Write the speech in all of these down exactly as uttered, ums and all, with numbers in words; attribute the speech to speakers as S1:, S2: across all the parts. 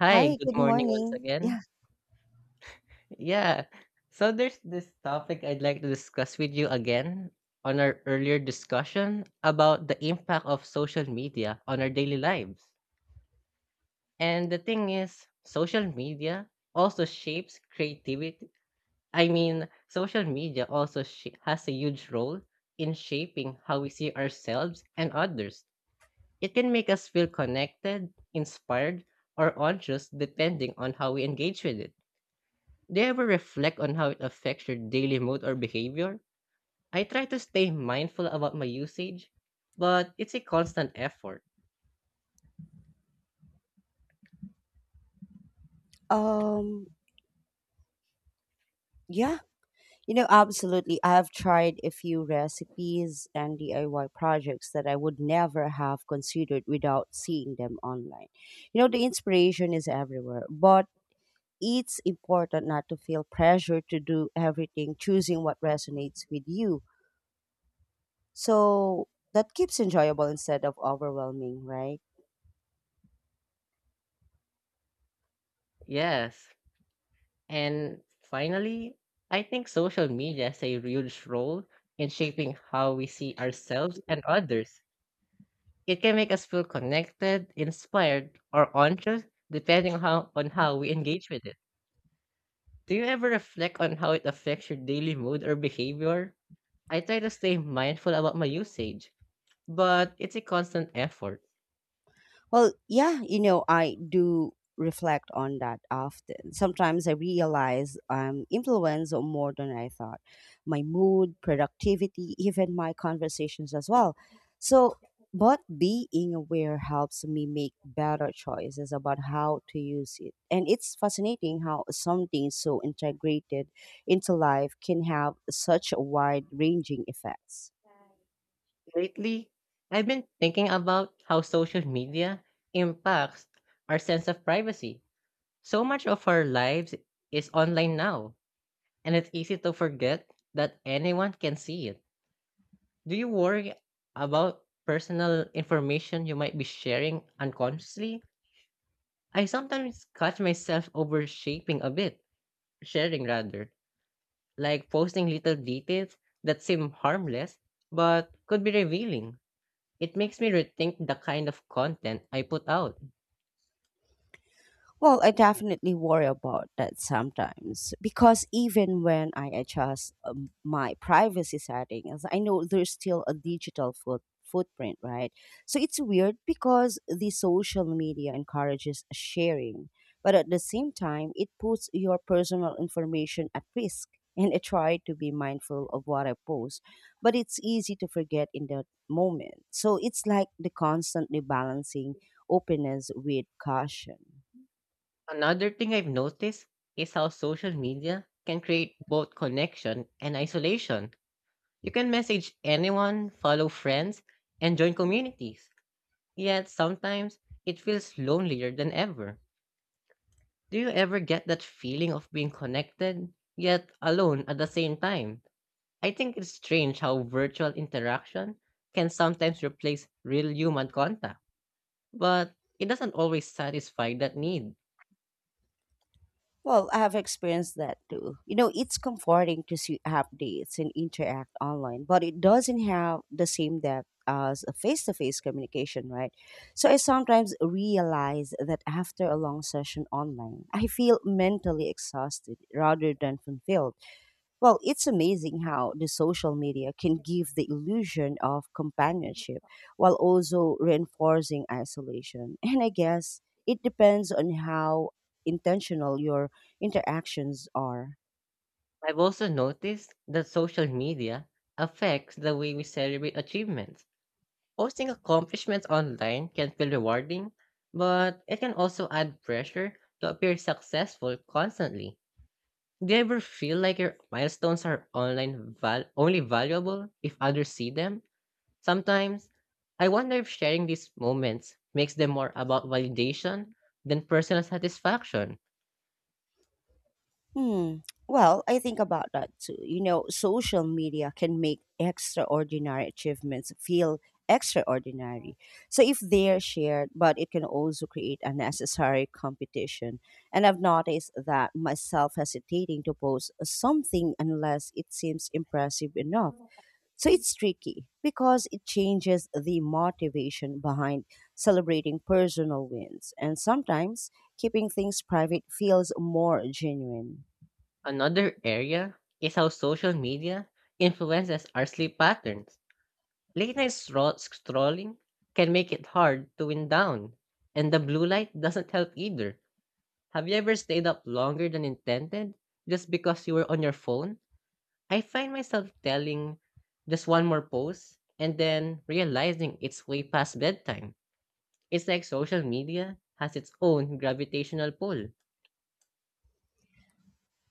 S1: Hi,
S2: Hi,
S1: good
S2: good
S1: morning once
S2: morning.
S1: again.
S2: Yeah.
S1: Yeah. So there's this topic I'd like to discuss with you again on our earlier discussion about the impact of social media on our daily lives. And the thing is, social media also shapes creativity. I mean, social media also sh- has a huge role in shaping how we see ourselves and others. It can make us feel connected, inspired, or anxious depending on how we engage with it. Do you ever reflect on how it affects your daily mood or behavior? I try to stay mindful about my usage, but it's a constant effort.
S2: Um yeah, you know, absolutely. I've tried a few recipes and D I Y projects that I would never have considered without seeing them online. You know, the inspiration is everywhere, but it's important not to feel pressure to do everything, choosing what resonates with you. So that keeps enjoyable instead of overwhelming, right?
S1: Yes. And finally, I think social media has a huge role in shaping how we see ourselves and others. It can make us feel connected, inspired, or anxious, depending on how, on how we engage with it. Do you ever reflect on how it affects your daily mood or behavior? I try to stay mindful about my usage, but it's a constant effort.
S2: Well, yeah, you know, I do reflect on that often. Sometimes I realize I'm influenced more than I thought. My mood, productivity, even my conversations as well. So, but being aware helps me make better choices about how to use it. And it's fascinating how something so integrated into life can have such wide ranging effects.
S1: Lately, I've been thinking about how social media impacts our sense of privacy. So much of our lives is online now, and it's easy to forget that anyone can see it. Do you worry about personal information you might be sharing unconsciously? I sometimes catch myself overshaping a bit, sharing rather, like posting little details that seem harmless but could be revealing. It makes me rethink the kind of content I put out.
S2: Well, I definitely worry about that sometimes because even when I adjust um, my privacy settings, I know there's still a digital foot, footprint, right? So it's weird because the social media encourages sharing, but at the same time, it puts your personal information at risk. And I try to be mindful of what I post, but it's easy to forget in that moment. So it's like the constantly balancing openness with caution.
S1: Another thing I've noticed is how social media can create both connection and isolation. You can message anyone, follow friends, and join communities. Yet sometimes it feels lonelier than ever. Do you ever get that feeling of being connected, yet alone at the same time? I think it's strange how virtual interaction can sometimes replace real human contact. But it doesn't always satisfy that need.
S2: Well, I've experienced that too. You know, it's comforting to see updates and interact online, but it doesn't have the same depth as a face to face communication, right? So I sometimes realize that after a long session online, I feel mentally exhausted rather than fulfilled. Well, it's amazing how the social media can give the illusion of companionship while also reinforcing isolation. And I guess it depends on how intentional your interactions are.
S1: I've also noticed that social media affects the way we celebrate achievements. Posting accomplishments online can feel rewarding, but it can also add pressure to appear successful constantly. Do you ever feel like your milestones are online val- only valuable if others see them? Sometimes I wonder if sharing these moments makes them more about validation than personal satisfaction.
S2: Hmm. Well, I think about that too. You know, social media can make extraordinary achievements feel extraordinary. So if they're shared, but it can also create unnecessary competition. And I've noticed that myself hesitating to post something unless it seems impressive enough. So it's tricky because it changes the motivation behind celebrating personal wins. And sometimes keeping things private feels more genuine.
S1: Another area is how social media influences our sleep patterns. Late night stro- strolling can make it hard to wind down, and the blue light doesn't help either. Have you ever stayed up longer than intended just because you were on your phone? I find myself telling just one more pose and then realizing it's way past bedtime. It's like social media has its own gravitational pull.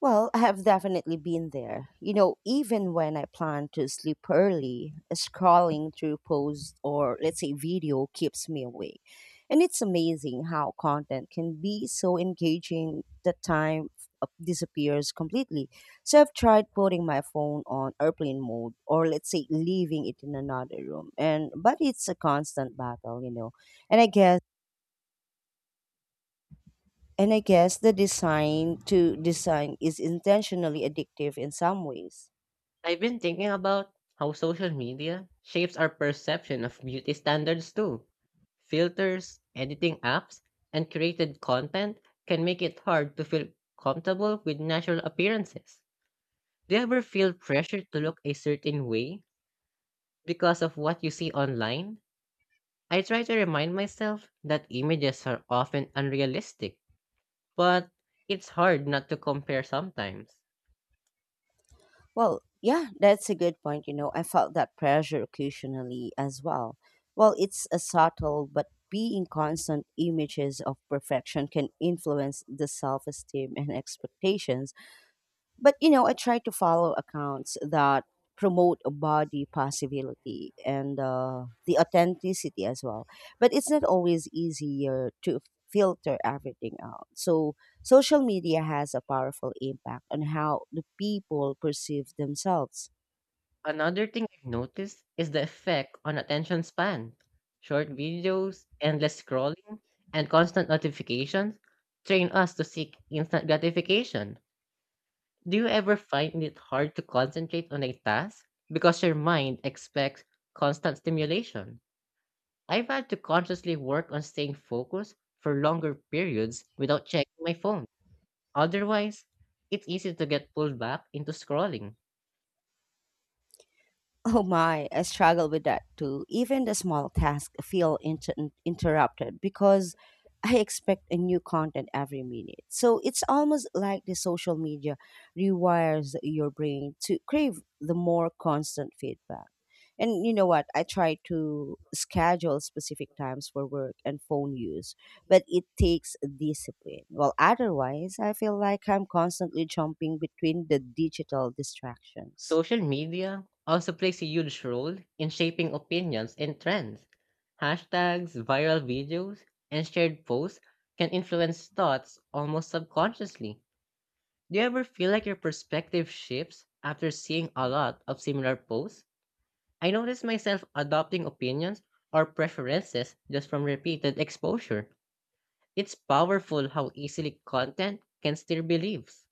S2: Well, I have definitely been there. You know, even when I plan to sleep early, scrolling through posts or let's say video keeps me awake. And it's amazing how content can be so engaging that time f- uh, disappears completely. So I've tried putting my phone on airplane mode or let's say leaving it in another room. And But it's a constant battle, you know. And I guess And I guess the design to design is intentionally addictive in some ways.
S1: I've been thinking about how social media shapes our perception of beauty standards too. Filters, editing apps, and created content can make it hard to feel comfortable with natural appearances. Do you ever feel pressure to look a certain way because of what you see online? I try to remind myself that images are often unrealistic, but it's hard not to compare sometimes.
S2: Well, yeah, that's a good point. You know, I felt that pressure occasionally as well. Well, it's a subtle, but being constant images of perfection can influence the self esteem and expectations. But you know, I try to follow accounts that promote a body possibility and uh, the authenticity as well. But it's not always easier to filter everything out. So social media has a powerful impact on how the people perceive themselves.
S1: Another thing I've noticed is the effect on attention span. Short videos, endless scrolling, and constant notifications train us to seek instant gratification. Do you ever find it hard to concentrate on a task because your mind expects constant stimulation? I've had to consciously work on staying focused for longer periods without checking my phone. Otherwise, it's easy to get pulled back into scrolling.
S2: Oh my, I struggle with that too. Even the small tasks feel inter- interrupted because I expect a new content every minute. So it's almost like the social media rewires your brain to crave the more constant feedback. And you know what? I try to schedule specific times for work and phone use, but it takes discipline. Well, otherwise, I feel like I'm constantly jumping between the digital distractions.
S1: Social media also plays a huge role in shaping opinions and trends. Hashtags, viral videos, and shared posts can influence thoughts almost subconsciously. Do you ever feel like your perspective shifts after seeing a lot of similar posts? I notice myself adopting opinions or preferences just from repeated exposure. It's powerful how easily content can steer beliefs.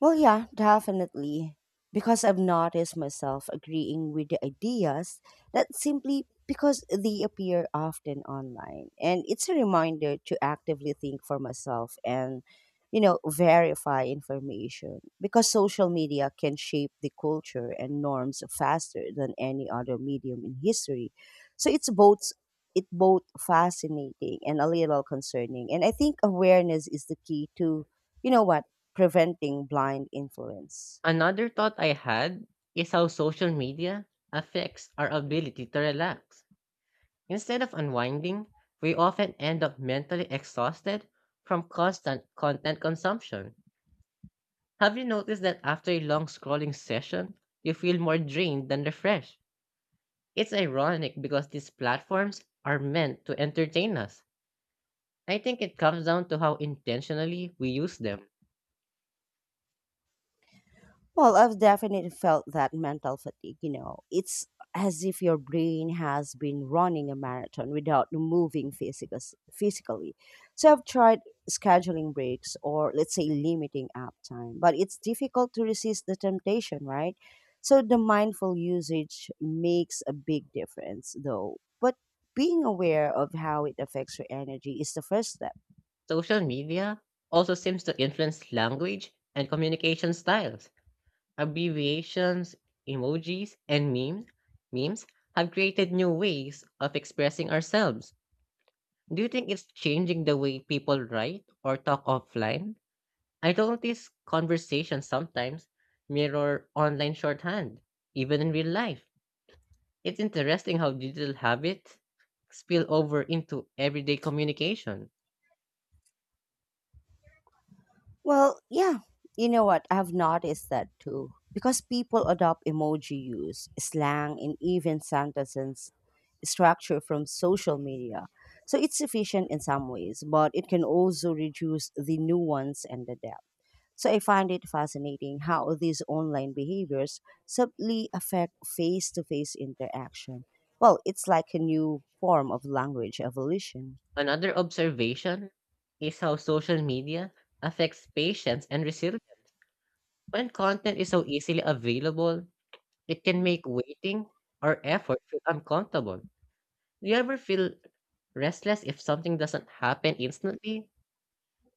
S2: Well, yeah, definitely. Because I've noticed myself agreeing with the ideas that simply because they appear often online. And it's a reminder to actively think for myself and, you know, verify information. Because social media can shape the culture and norms faster than any other medium in history. So it's both it both fascinating and a little concerning. And I think awareness is the key to you know what? Preventing blind influence.
S1: Another thought I had is how social media affects our ability to relax. Instead of unwinding, we often end up mentally exhausted from constant content consumption. Have you noticed that after a long scrolling session, you feel more drained than refreshed? It's ironic because these platforms are meant to entertain us. I think it comes down to how intentionally we use them.
S2: Well, I've definitely felt that mental fatigue, you know. It's as if your brain has been running a marathon without moving physicus- physically. So I've tried scheduling breaks or let's say limiting app time, but it's difficult to resist the temptation, right? So the mindful usage makes a big difference though. But being aware of how it affects your energy is the first step.
S1: Social media also seems to influence language and communication styles: abbreviations, emojis, and memes, memes have created new ways of expressing ourselves. Do you think it's changing the way people write or talk offline? I notice conversations sometimes mirror online shorthand, even in real life. It's interesting how digital habits spill over into everyday communication.
S2: Well, yeah. You know what? I've noticed that too. Because people adopt emoji use, slang, and even sentences structure from social media. So it's efficient in some ways, but it can also reduce the nuance and the depth. So I find it fascinating how these online behaviors subtly affect face to face interaction. Well, it's like a new form of language evolution.
S1: Another observation is how social media affects patience and resilience. When content is so easily available, it can make waiting or effort feel uncomfortable. Do you ever feel restless if something doesn't happen instantly?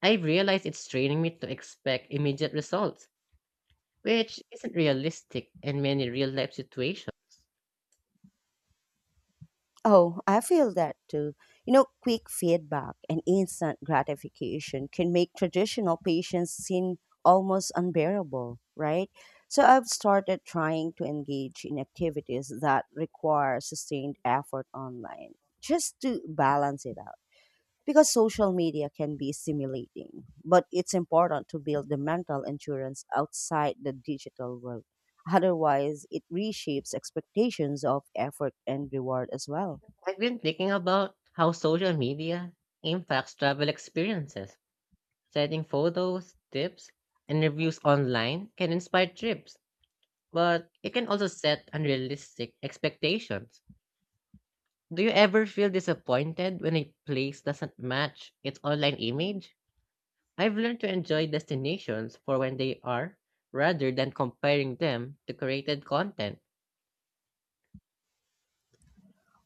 S1: I have realized it's training me to expect immediate results, which isn't realistic in many real life situations.
S2: Oh, I feel that too. You know, quick feedback and instant gratification can make traditional patients seem almost unbearable, right? So I've started trying to engage in activities that require sustained effort online just to balance it out. Because social media can be stimulating, but it's important to build the mental endurance outside the digital world. Otherwise, it reshapes expectations of effort and reward as well.
S1: I've been thinking about how social media impacts travel experiences. Setting photos, tips, and reviews online can inspire trips, but it can also set unrealistic expectations. Do you ever feel disappointed when a place doesn't match its online image? I've learned to enjoy destinations for when they are rather than comparing them to created content.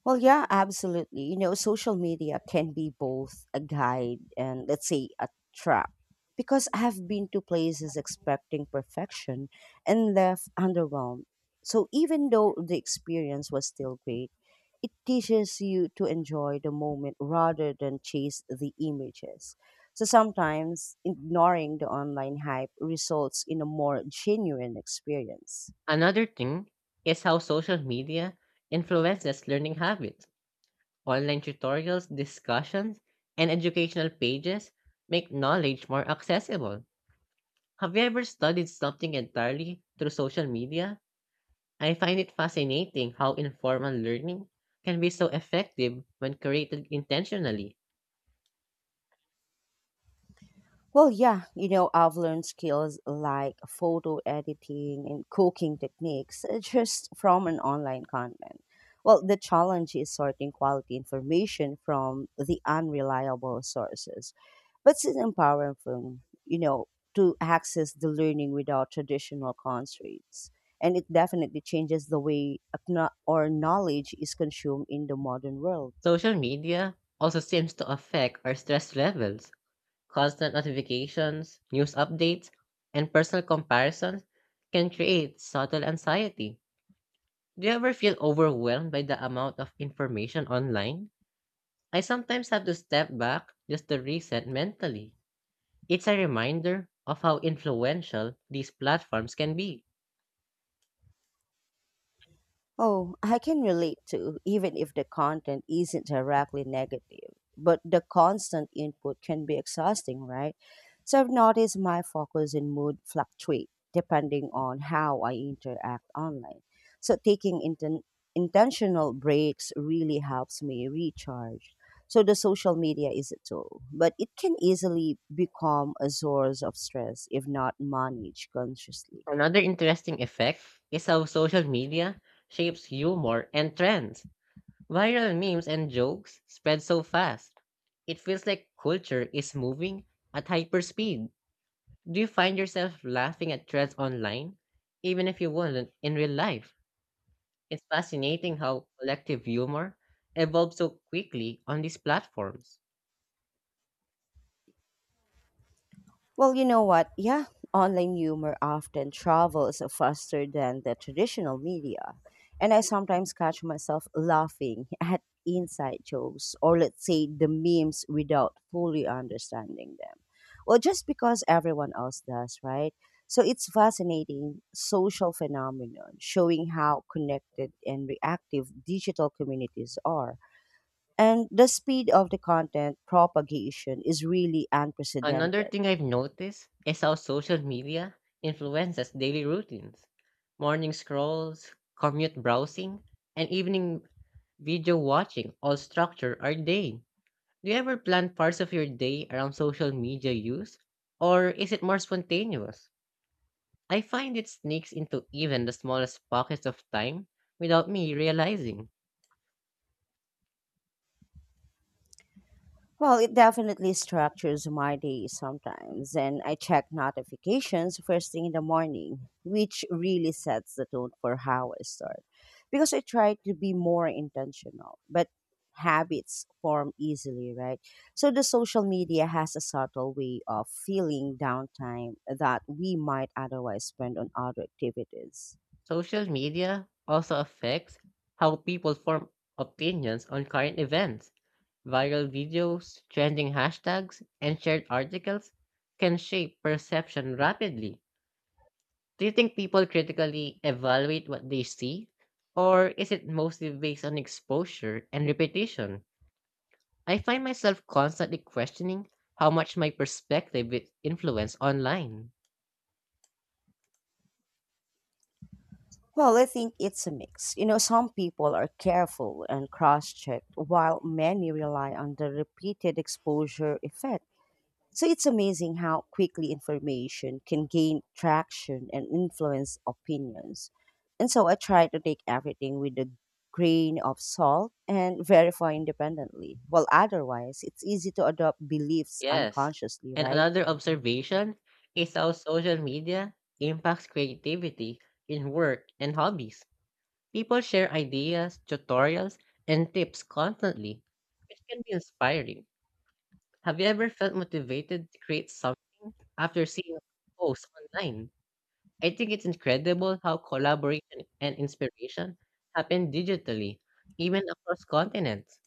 S2: Well, yeah, absolutely. You know, social media can be both a guide and, let's say, a trap. Because I have been to places expecting perfection and left underwhelmed. So even though the experience was still great, it teaches you to enjoy the moment rather than chase the images. So sometimes ignoring the online hype results in a more genuine experience.
S1: Another thing is how social media influences learning habits. Online tutorials, discussions, and educational pages make knowledge more accessible. Have you ever studied something entirely through social media? I find it fascinating how informal learning can be so effective when created intentionally.
S2: Well, yeah, you know, I've learned skills like photo editing and cooking techniques uh, just from an online content. Well, the challenge is sorting quality information from the unreliable sources, but it's empowering, for, you know, to access the learning without traditional constraints. And it definitely changes the way acknow- or knowledge is consumed in the modern world.
S1: Social media also seems to affect our stress levels. Constant notifications, news updates, and personal comparisons can create subtle anxiety. Do you ever feel overwhelmed by the amount of information online? I sometimes have to step back just to reset mentally. It's a reminder of how influential these platforms can be.
S2: Oh, I can relate to, even if the content isn't directly negative. But the constant input can be exhausting, right? So I've noticed my focus and mood fluctuate depending on how I interact online. So taking inten- intentional breaks really helps me recharge. So the social media is a tool, but it can easily become a source of stress if not managed consciously.
S1: Another interesting effect is how social media shapes humor and trends. Viral memes and jokes spread so fast. It feels like culture is moving at hyper speed. Do you find yourself laughing at trends online, even if you wouldn't in real life? It's fascinating how collective humor evolves so quickly on these platforms.
S2: Well, you know what? Yeah, online humor often travels faster than the traditional media. And I sometimes catch myself laughing at inside jokes or, let's say, the memes without fully understanding them. Well, just because everyone else does, right? So it's fascinating social phenomenon showing how connected and reactive digital communities are. And the speed of the content propagation is really
S1: Another
S2: unprecedented.
S1: thing I've noticed is how social media influences daily routines. Morning scrolls, commute browsing, and evening video watching all structure our day. Do you ever plan parts of your day around social media use? Or is it more spontaneous? I find it sneaks into even the smallest pockets of time without me realizing.
S2: Well, it definitely structures my day sometimes, and I check notifications first thing in the morning, which really sets the tone for how I start. Because I try to be more intentional, but habits form easily, right? So the social media has a subtle way of filling downtime that we might otherwise spend on other activities.
S1: Social media also affects how people form opinions on current events. Viral videos, trending hashtags, and shared articles can shape perception rapidly. Do you think people critically evaluate what they see? Or is it mostly based on exposure and repetition? I find myself constantly questioning how much my perspective is influenced online.
S2: Well, I think it's a mix. You know, some people are careful and cross checked, while many rely on the repeated exposure effect. So it's amazing how quickly information can gain traction and influence opinions. And so I try to take everything with a grain of salt and verify independently. Well, otherwise, it's easy to adopt beliefs
S1: Yes.
S2: unconsciously,
S1: And
S2: right?
S1: another observation is how social media impacts creativity in work and hobbies. People share ideas, tutorials, and tips constantly, which can be inspiring. Have you ever felt motivated to create something after seeing posts online? I think it's incredible how collaboration and inspiration happen digitally, even across continents.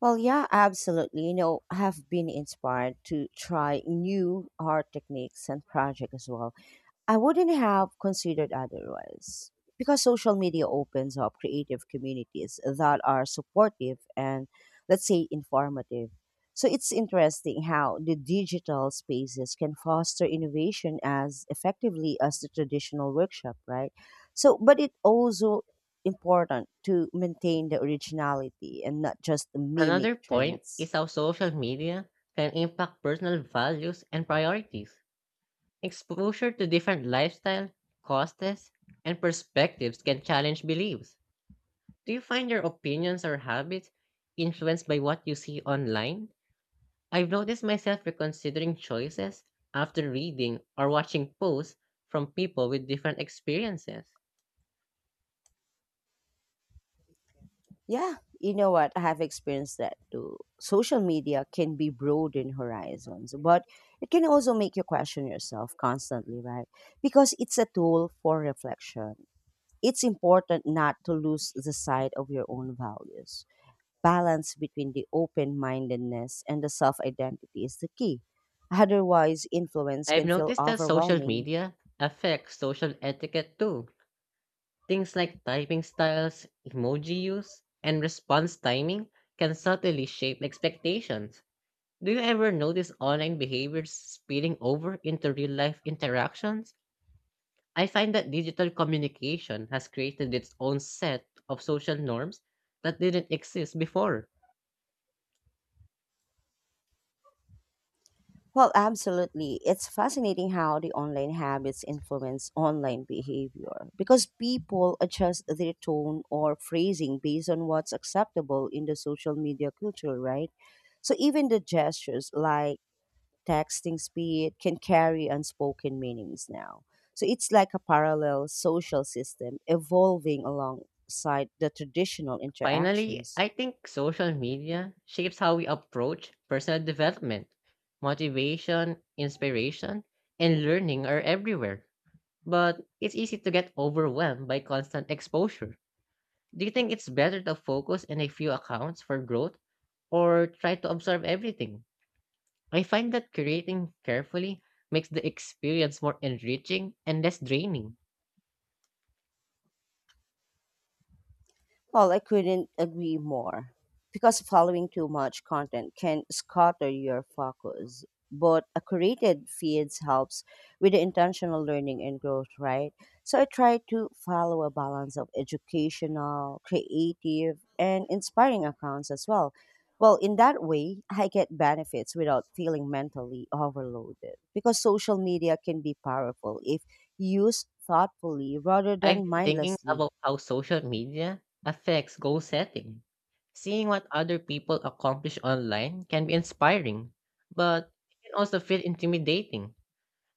S2: Well, yeah, absolutely. You know, I have been inspired to try new art techniques and projects as well. I wouldn't have considered otherwise because social media opens up creative communities that are supportive and, let's say, informative. So it's interesting how the digital spaces can foster innovation as effectively as the traditional workshop, right? So, but it also important to maintain the originality and not just mimic
S1: Another point
S2: trends.
S1: is how social media can impact personal values and priorities. Exposure to different lifestyle, costs, and perspectives can challenge beliefs. Do you find your opinions or habits influenced by what you see online? I've noticed myself reconsidering choices after reading or watching posts from people with different experiences.
S2: Yeah, you know what? I have experienced that too. Social media can be broaden horizons, but it can also make you question yourself constantly, right? Because it's a tool for reflection. It's important not to lose the sight of your own values. Balance between the open mindedness and the self identity is the key. Otherwise, influence
S1: I've
S2: can feel
S1: noticed that social
S2: overwhelming.
S1: media affects social etiquette too. Things like typing styles, emoji use, and response timing can subtly shape expectations. Do you ever notice online behaviors spilling over into real life interactions? I find that digital communication has created its own set of social norms that didn't exist before.
S2: Well, absolutely. It's fascinating how the online habits influence online behavior because people adjust their tone or phrasing based on what's acceptable in the social media culture, right? So even the gestures like texting speed can carry unspoken meanings now. So it's like a parallel social system evolving alongside the traditional
S1: Finally,
S2: interactions.
S1: I think social media shapes how we approach personal development. Motivation, inspiration, and learning are everywhere, but it's easy to get overwhelmed by constant exposure. Do you think it's better to focus on a few accounts for growth or try to absorb everything? I find that creating carefully makes the experience more enriching and less draining.
S2: Well, I couldn't agree more because following too much content can scatter your focus. But a curated feeds helps with the intentional learning and growth, right? So I try to follow a balance of educational, creative, and inspiring accounts as well. Well, in that way, I get benefits without feeling mentally overloaded because social media can be powerful if used thoughtfully rather
S1: I've
S2: than
S1: been thinking
S2: mindlessly.
S1: about how social media affects goal setting. Seeing what other people accomplish online can be inspiring, but it can also feel intimidating.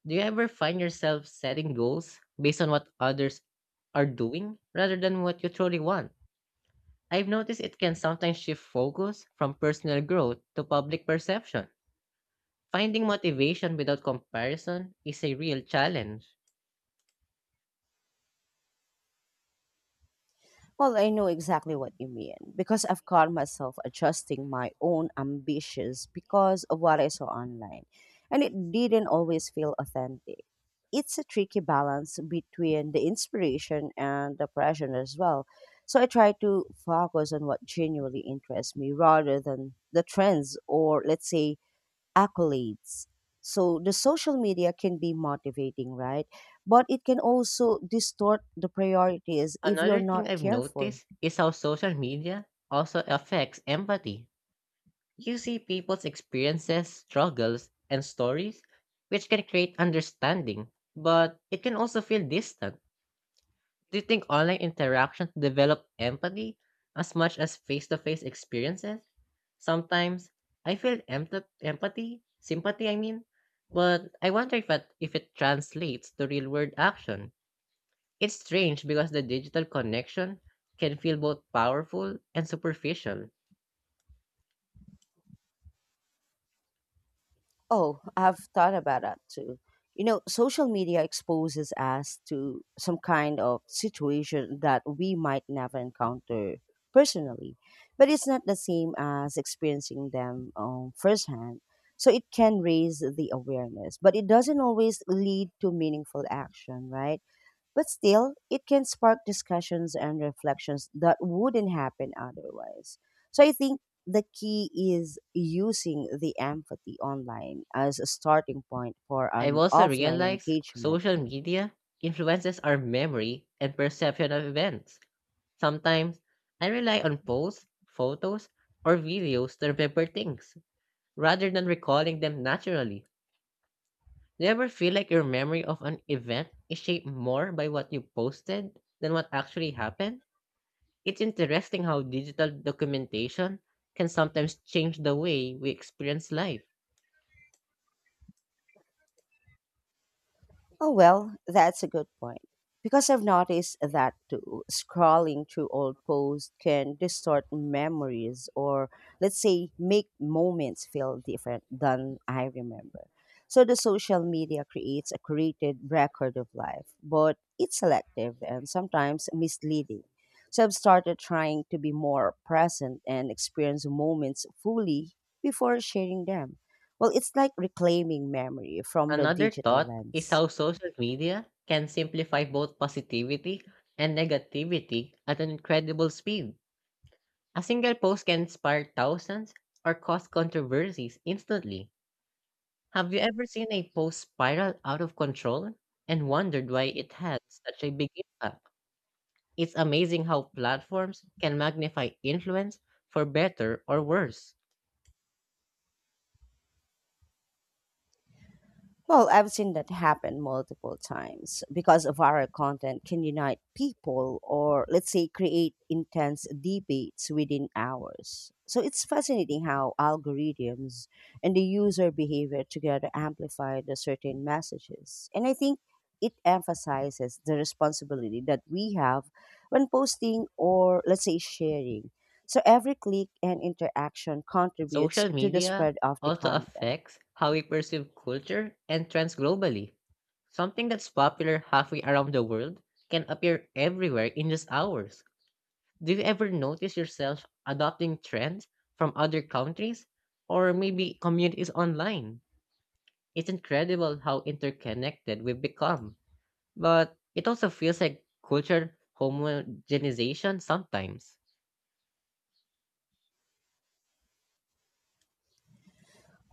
S1: Do you ever find yourself setting goals based on what others are doing rather than what you truly want? I've noticed it can sometimes shift focus from personal growth to public perception. Finding motivation without comparison is a real challenge.
S2: Well, I know exactly what you mean because I've caught myself adjusting my own ambitions because of what I saw online, and it didn't always feel authentic. It's a tricky balance between the inspiration and the pressure as well. So I try to focus on what genuinely interests me rather than the trends or, let's say, accolades. So the social media can be motivating, right? But it can also distort the priorities if you're
S1: Another
S2: not
S1: thing I've
S2: careful.
S1: noticed is how social media also affects empathy. You see people's experiences, struggles, and stories, which can create understanding, but it can also feel distant. Do you think online interactions develop empathy as much as face to face experiences? Sometimes I feel emp- empathy, sympathy, I mean, but I wonder if it, if it translates to real world action. It's strange because the digital connection can feel both powerful and superficial.
S2: Oh, I've thought about that too. You know, social media exposes us to some kind of situation that we might never encounter personally, but it's not the same as experiencing them um, firsthand. So it can raise the awareness, but it doesn't always lead to meaningful action, right? But still, it can spark discussions and reflections that wouldn't happen otherwise. So I think the key is using the empathy online as a starting point for
S1: I've
S2: an
S1: also
S2: offline
S1: realized
S2: engagement.
S1: social media influences our memory and perception of events. Sometimes I rely on posts, photos, or videos to remember things rather than recalling them naturally. Do you ever feel like your memory of an event is shaped more by what you posted than what actually happened? It's interesting how digital documentation can sometimes change the way we experience life.
S2: Oh, well, that's a good point. Because I've noticed that too. Scrolling through old posts can distort memories or, let's say, make moments feel different than I remember. So the social media creates a curated record of life, but it's selective and sometimes misleading. So I've started trying to be more present and experience moments fully before sharing them. Well, it's like reclaiming memory from the
S1: Another
S2: digital
S1: thought is
S2: lens.
S1: how social media can simplify both positivity and negativity at an incredible speed. A single post can inspire thousands or cause controversies instantly. Have you ever seen a post spiral out of control and wondered why it had such a big impact? It's amazing how platforms can magnify influence for better or worse.
S2: Well, I've seen that happen multiple times because viral content can unite people or, let's say, create intense debates within hours. So it's fascinating how algorithms and the user behavior together amplify the certain messages. And I think it emphasizes the responsibility that we have when posting or, let's say, sharing. So every click and interaction contributes
S1: Social
S2: to the
S1: media
S2: spread of the
S1: also
S2: content.
S1: affects how we perceive culture and trends globally. Something that's popular halfway around the world can appear everywhere in just hours. Do you ever notice yourself adopting trends from other countries or maybe communities online? It's incredible how interconnected we've become, but it also feels like culture homogenization sometimes.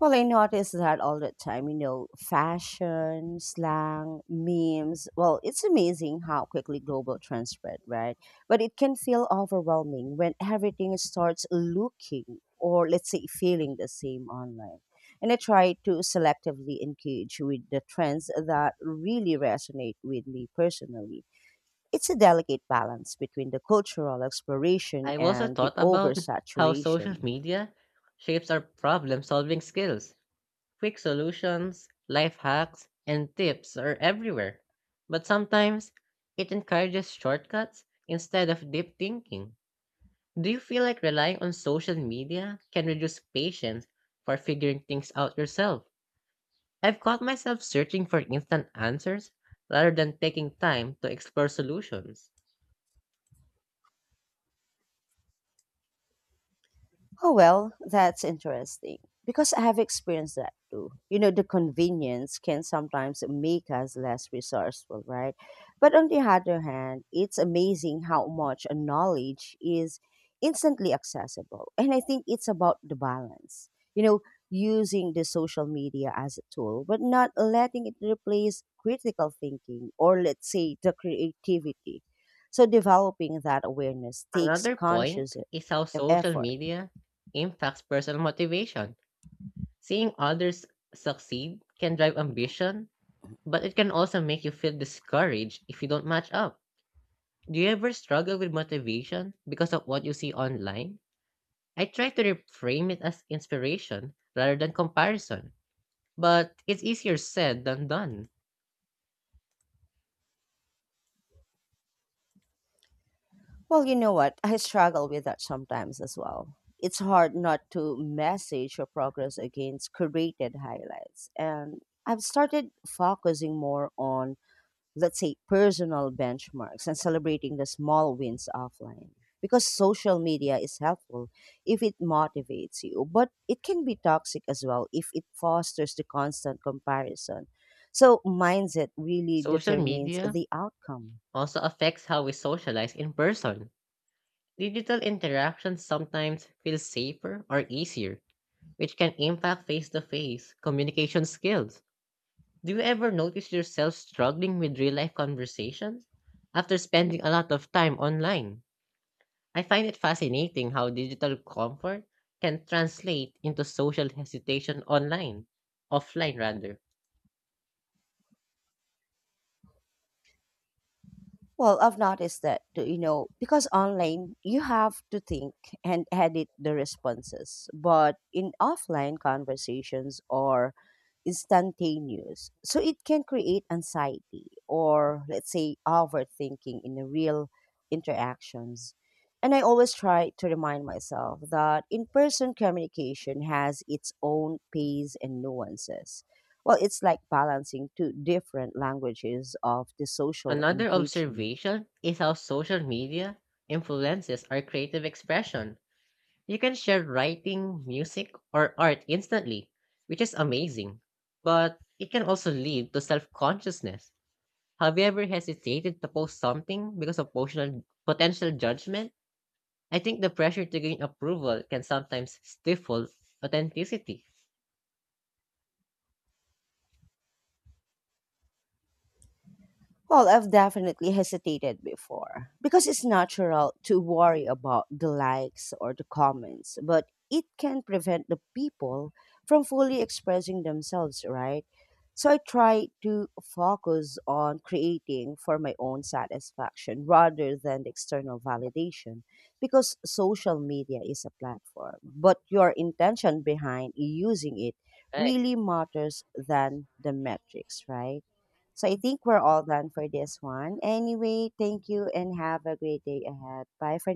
S2: Well, I notice that all the time, you know, fashion, slang, memes. Well, it's amazing how quickly global trends spread, right? But it can feel overwhelming when everything starts looking or, let's say, feeling the same online. And I try to selectively engage with the trends that really resonate with me personally. It's a delicate balance between the cultural exploration
S1: I've also
S2: and the
S1: thought about how social
S2: oversaturation.
S1: media shapes our problem solving skills. Quick solutions, life hacks, and tips are everywhere, but sometimes it encourages shortcuts instead of deep thinking. Do you feel like relying on social media can reduce patience for figuring things out yourself? I've caught myself searching for instant answers rather than taking time to explore solutions.
S2: Oh, well, that's interesting because I have experienced that too. You know, the convenience can sometimes make us less resourceful, right? But on the other hand, it's amazing how much knowledge is instantly accessible. And I think it's about the balance, you know, using the social media as a tool, but not letting it replace critical thinking or, let's say, the creativity. So developing that awareness takes
S1: Another point
S2: conscious
S1: is how
S2: e-
S1: social
S2: effort.
S1: media impacts personal motivation. Seeing others succeed can drive ambition, but it can also make you feel discouraged if you don't match up. Do you ever struggle with motivation because of what you see online? I try to reframe it as inspiration rather than comparison, but it's easier said than done.
S2: Well, you know what? I struggle with that sometimes as well. It's hard not to message your progress against curated highlights. And I've started focusing more on, let's say, personal benchmarks and celebrating the small wins offline. Because social media is helpful if it motivates you, but it can be toxic as well if it fosters the constant comparison. So, mindset really
S1: Social
S2: determines
S1: media
S2: the outcome.
S1: also affects how we socialize in person. Digital interactions sometimes feel safer or easier, which can impact face to face communication skills. Do you ever notice yourself struggling with real life conversations after spending a lot of time online? I find it fascinating how digital comfort can translate into social hesitation online, offline rather.
S2: Well, I've noticed that, too, you know, because online you have to think and edit the responses, but in offline conversations are instantaneous. So it can create anxiety or, let's say, overthinking in the real interactions. And I always try to remind myself that in person communication has its own pace and nuances. Well, it's like balancing two different languages of the social
S1: Another
S2: engagement.
S1: observation is how social media influences our creative expression. You can share writing, music, or art instantly, which is amazing. But it can also lead to self consciousness. Have you ever hesitated to post something because of potential potential judgment? I think the pressure to gain approval can sometimes stifle authenticity,
S2: Well, I've definitely hesitated before because it's natural to worry about the likes or the comments, but it can prevent the people from fully expressing themselves, right? So I try to focus on creating for my own satisfaction rather than the external validation because social media is a platform, but your intention behind using it
S1: right?
S2: really matters than the metrics, right? So I think we're all done for this one. Anyway, thank you and have a great day ahead. Bye for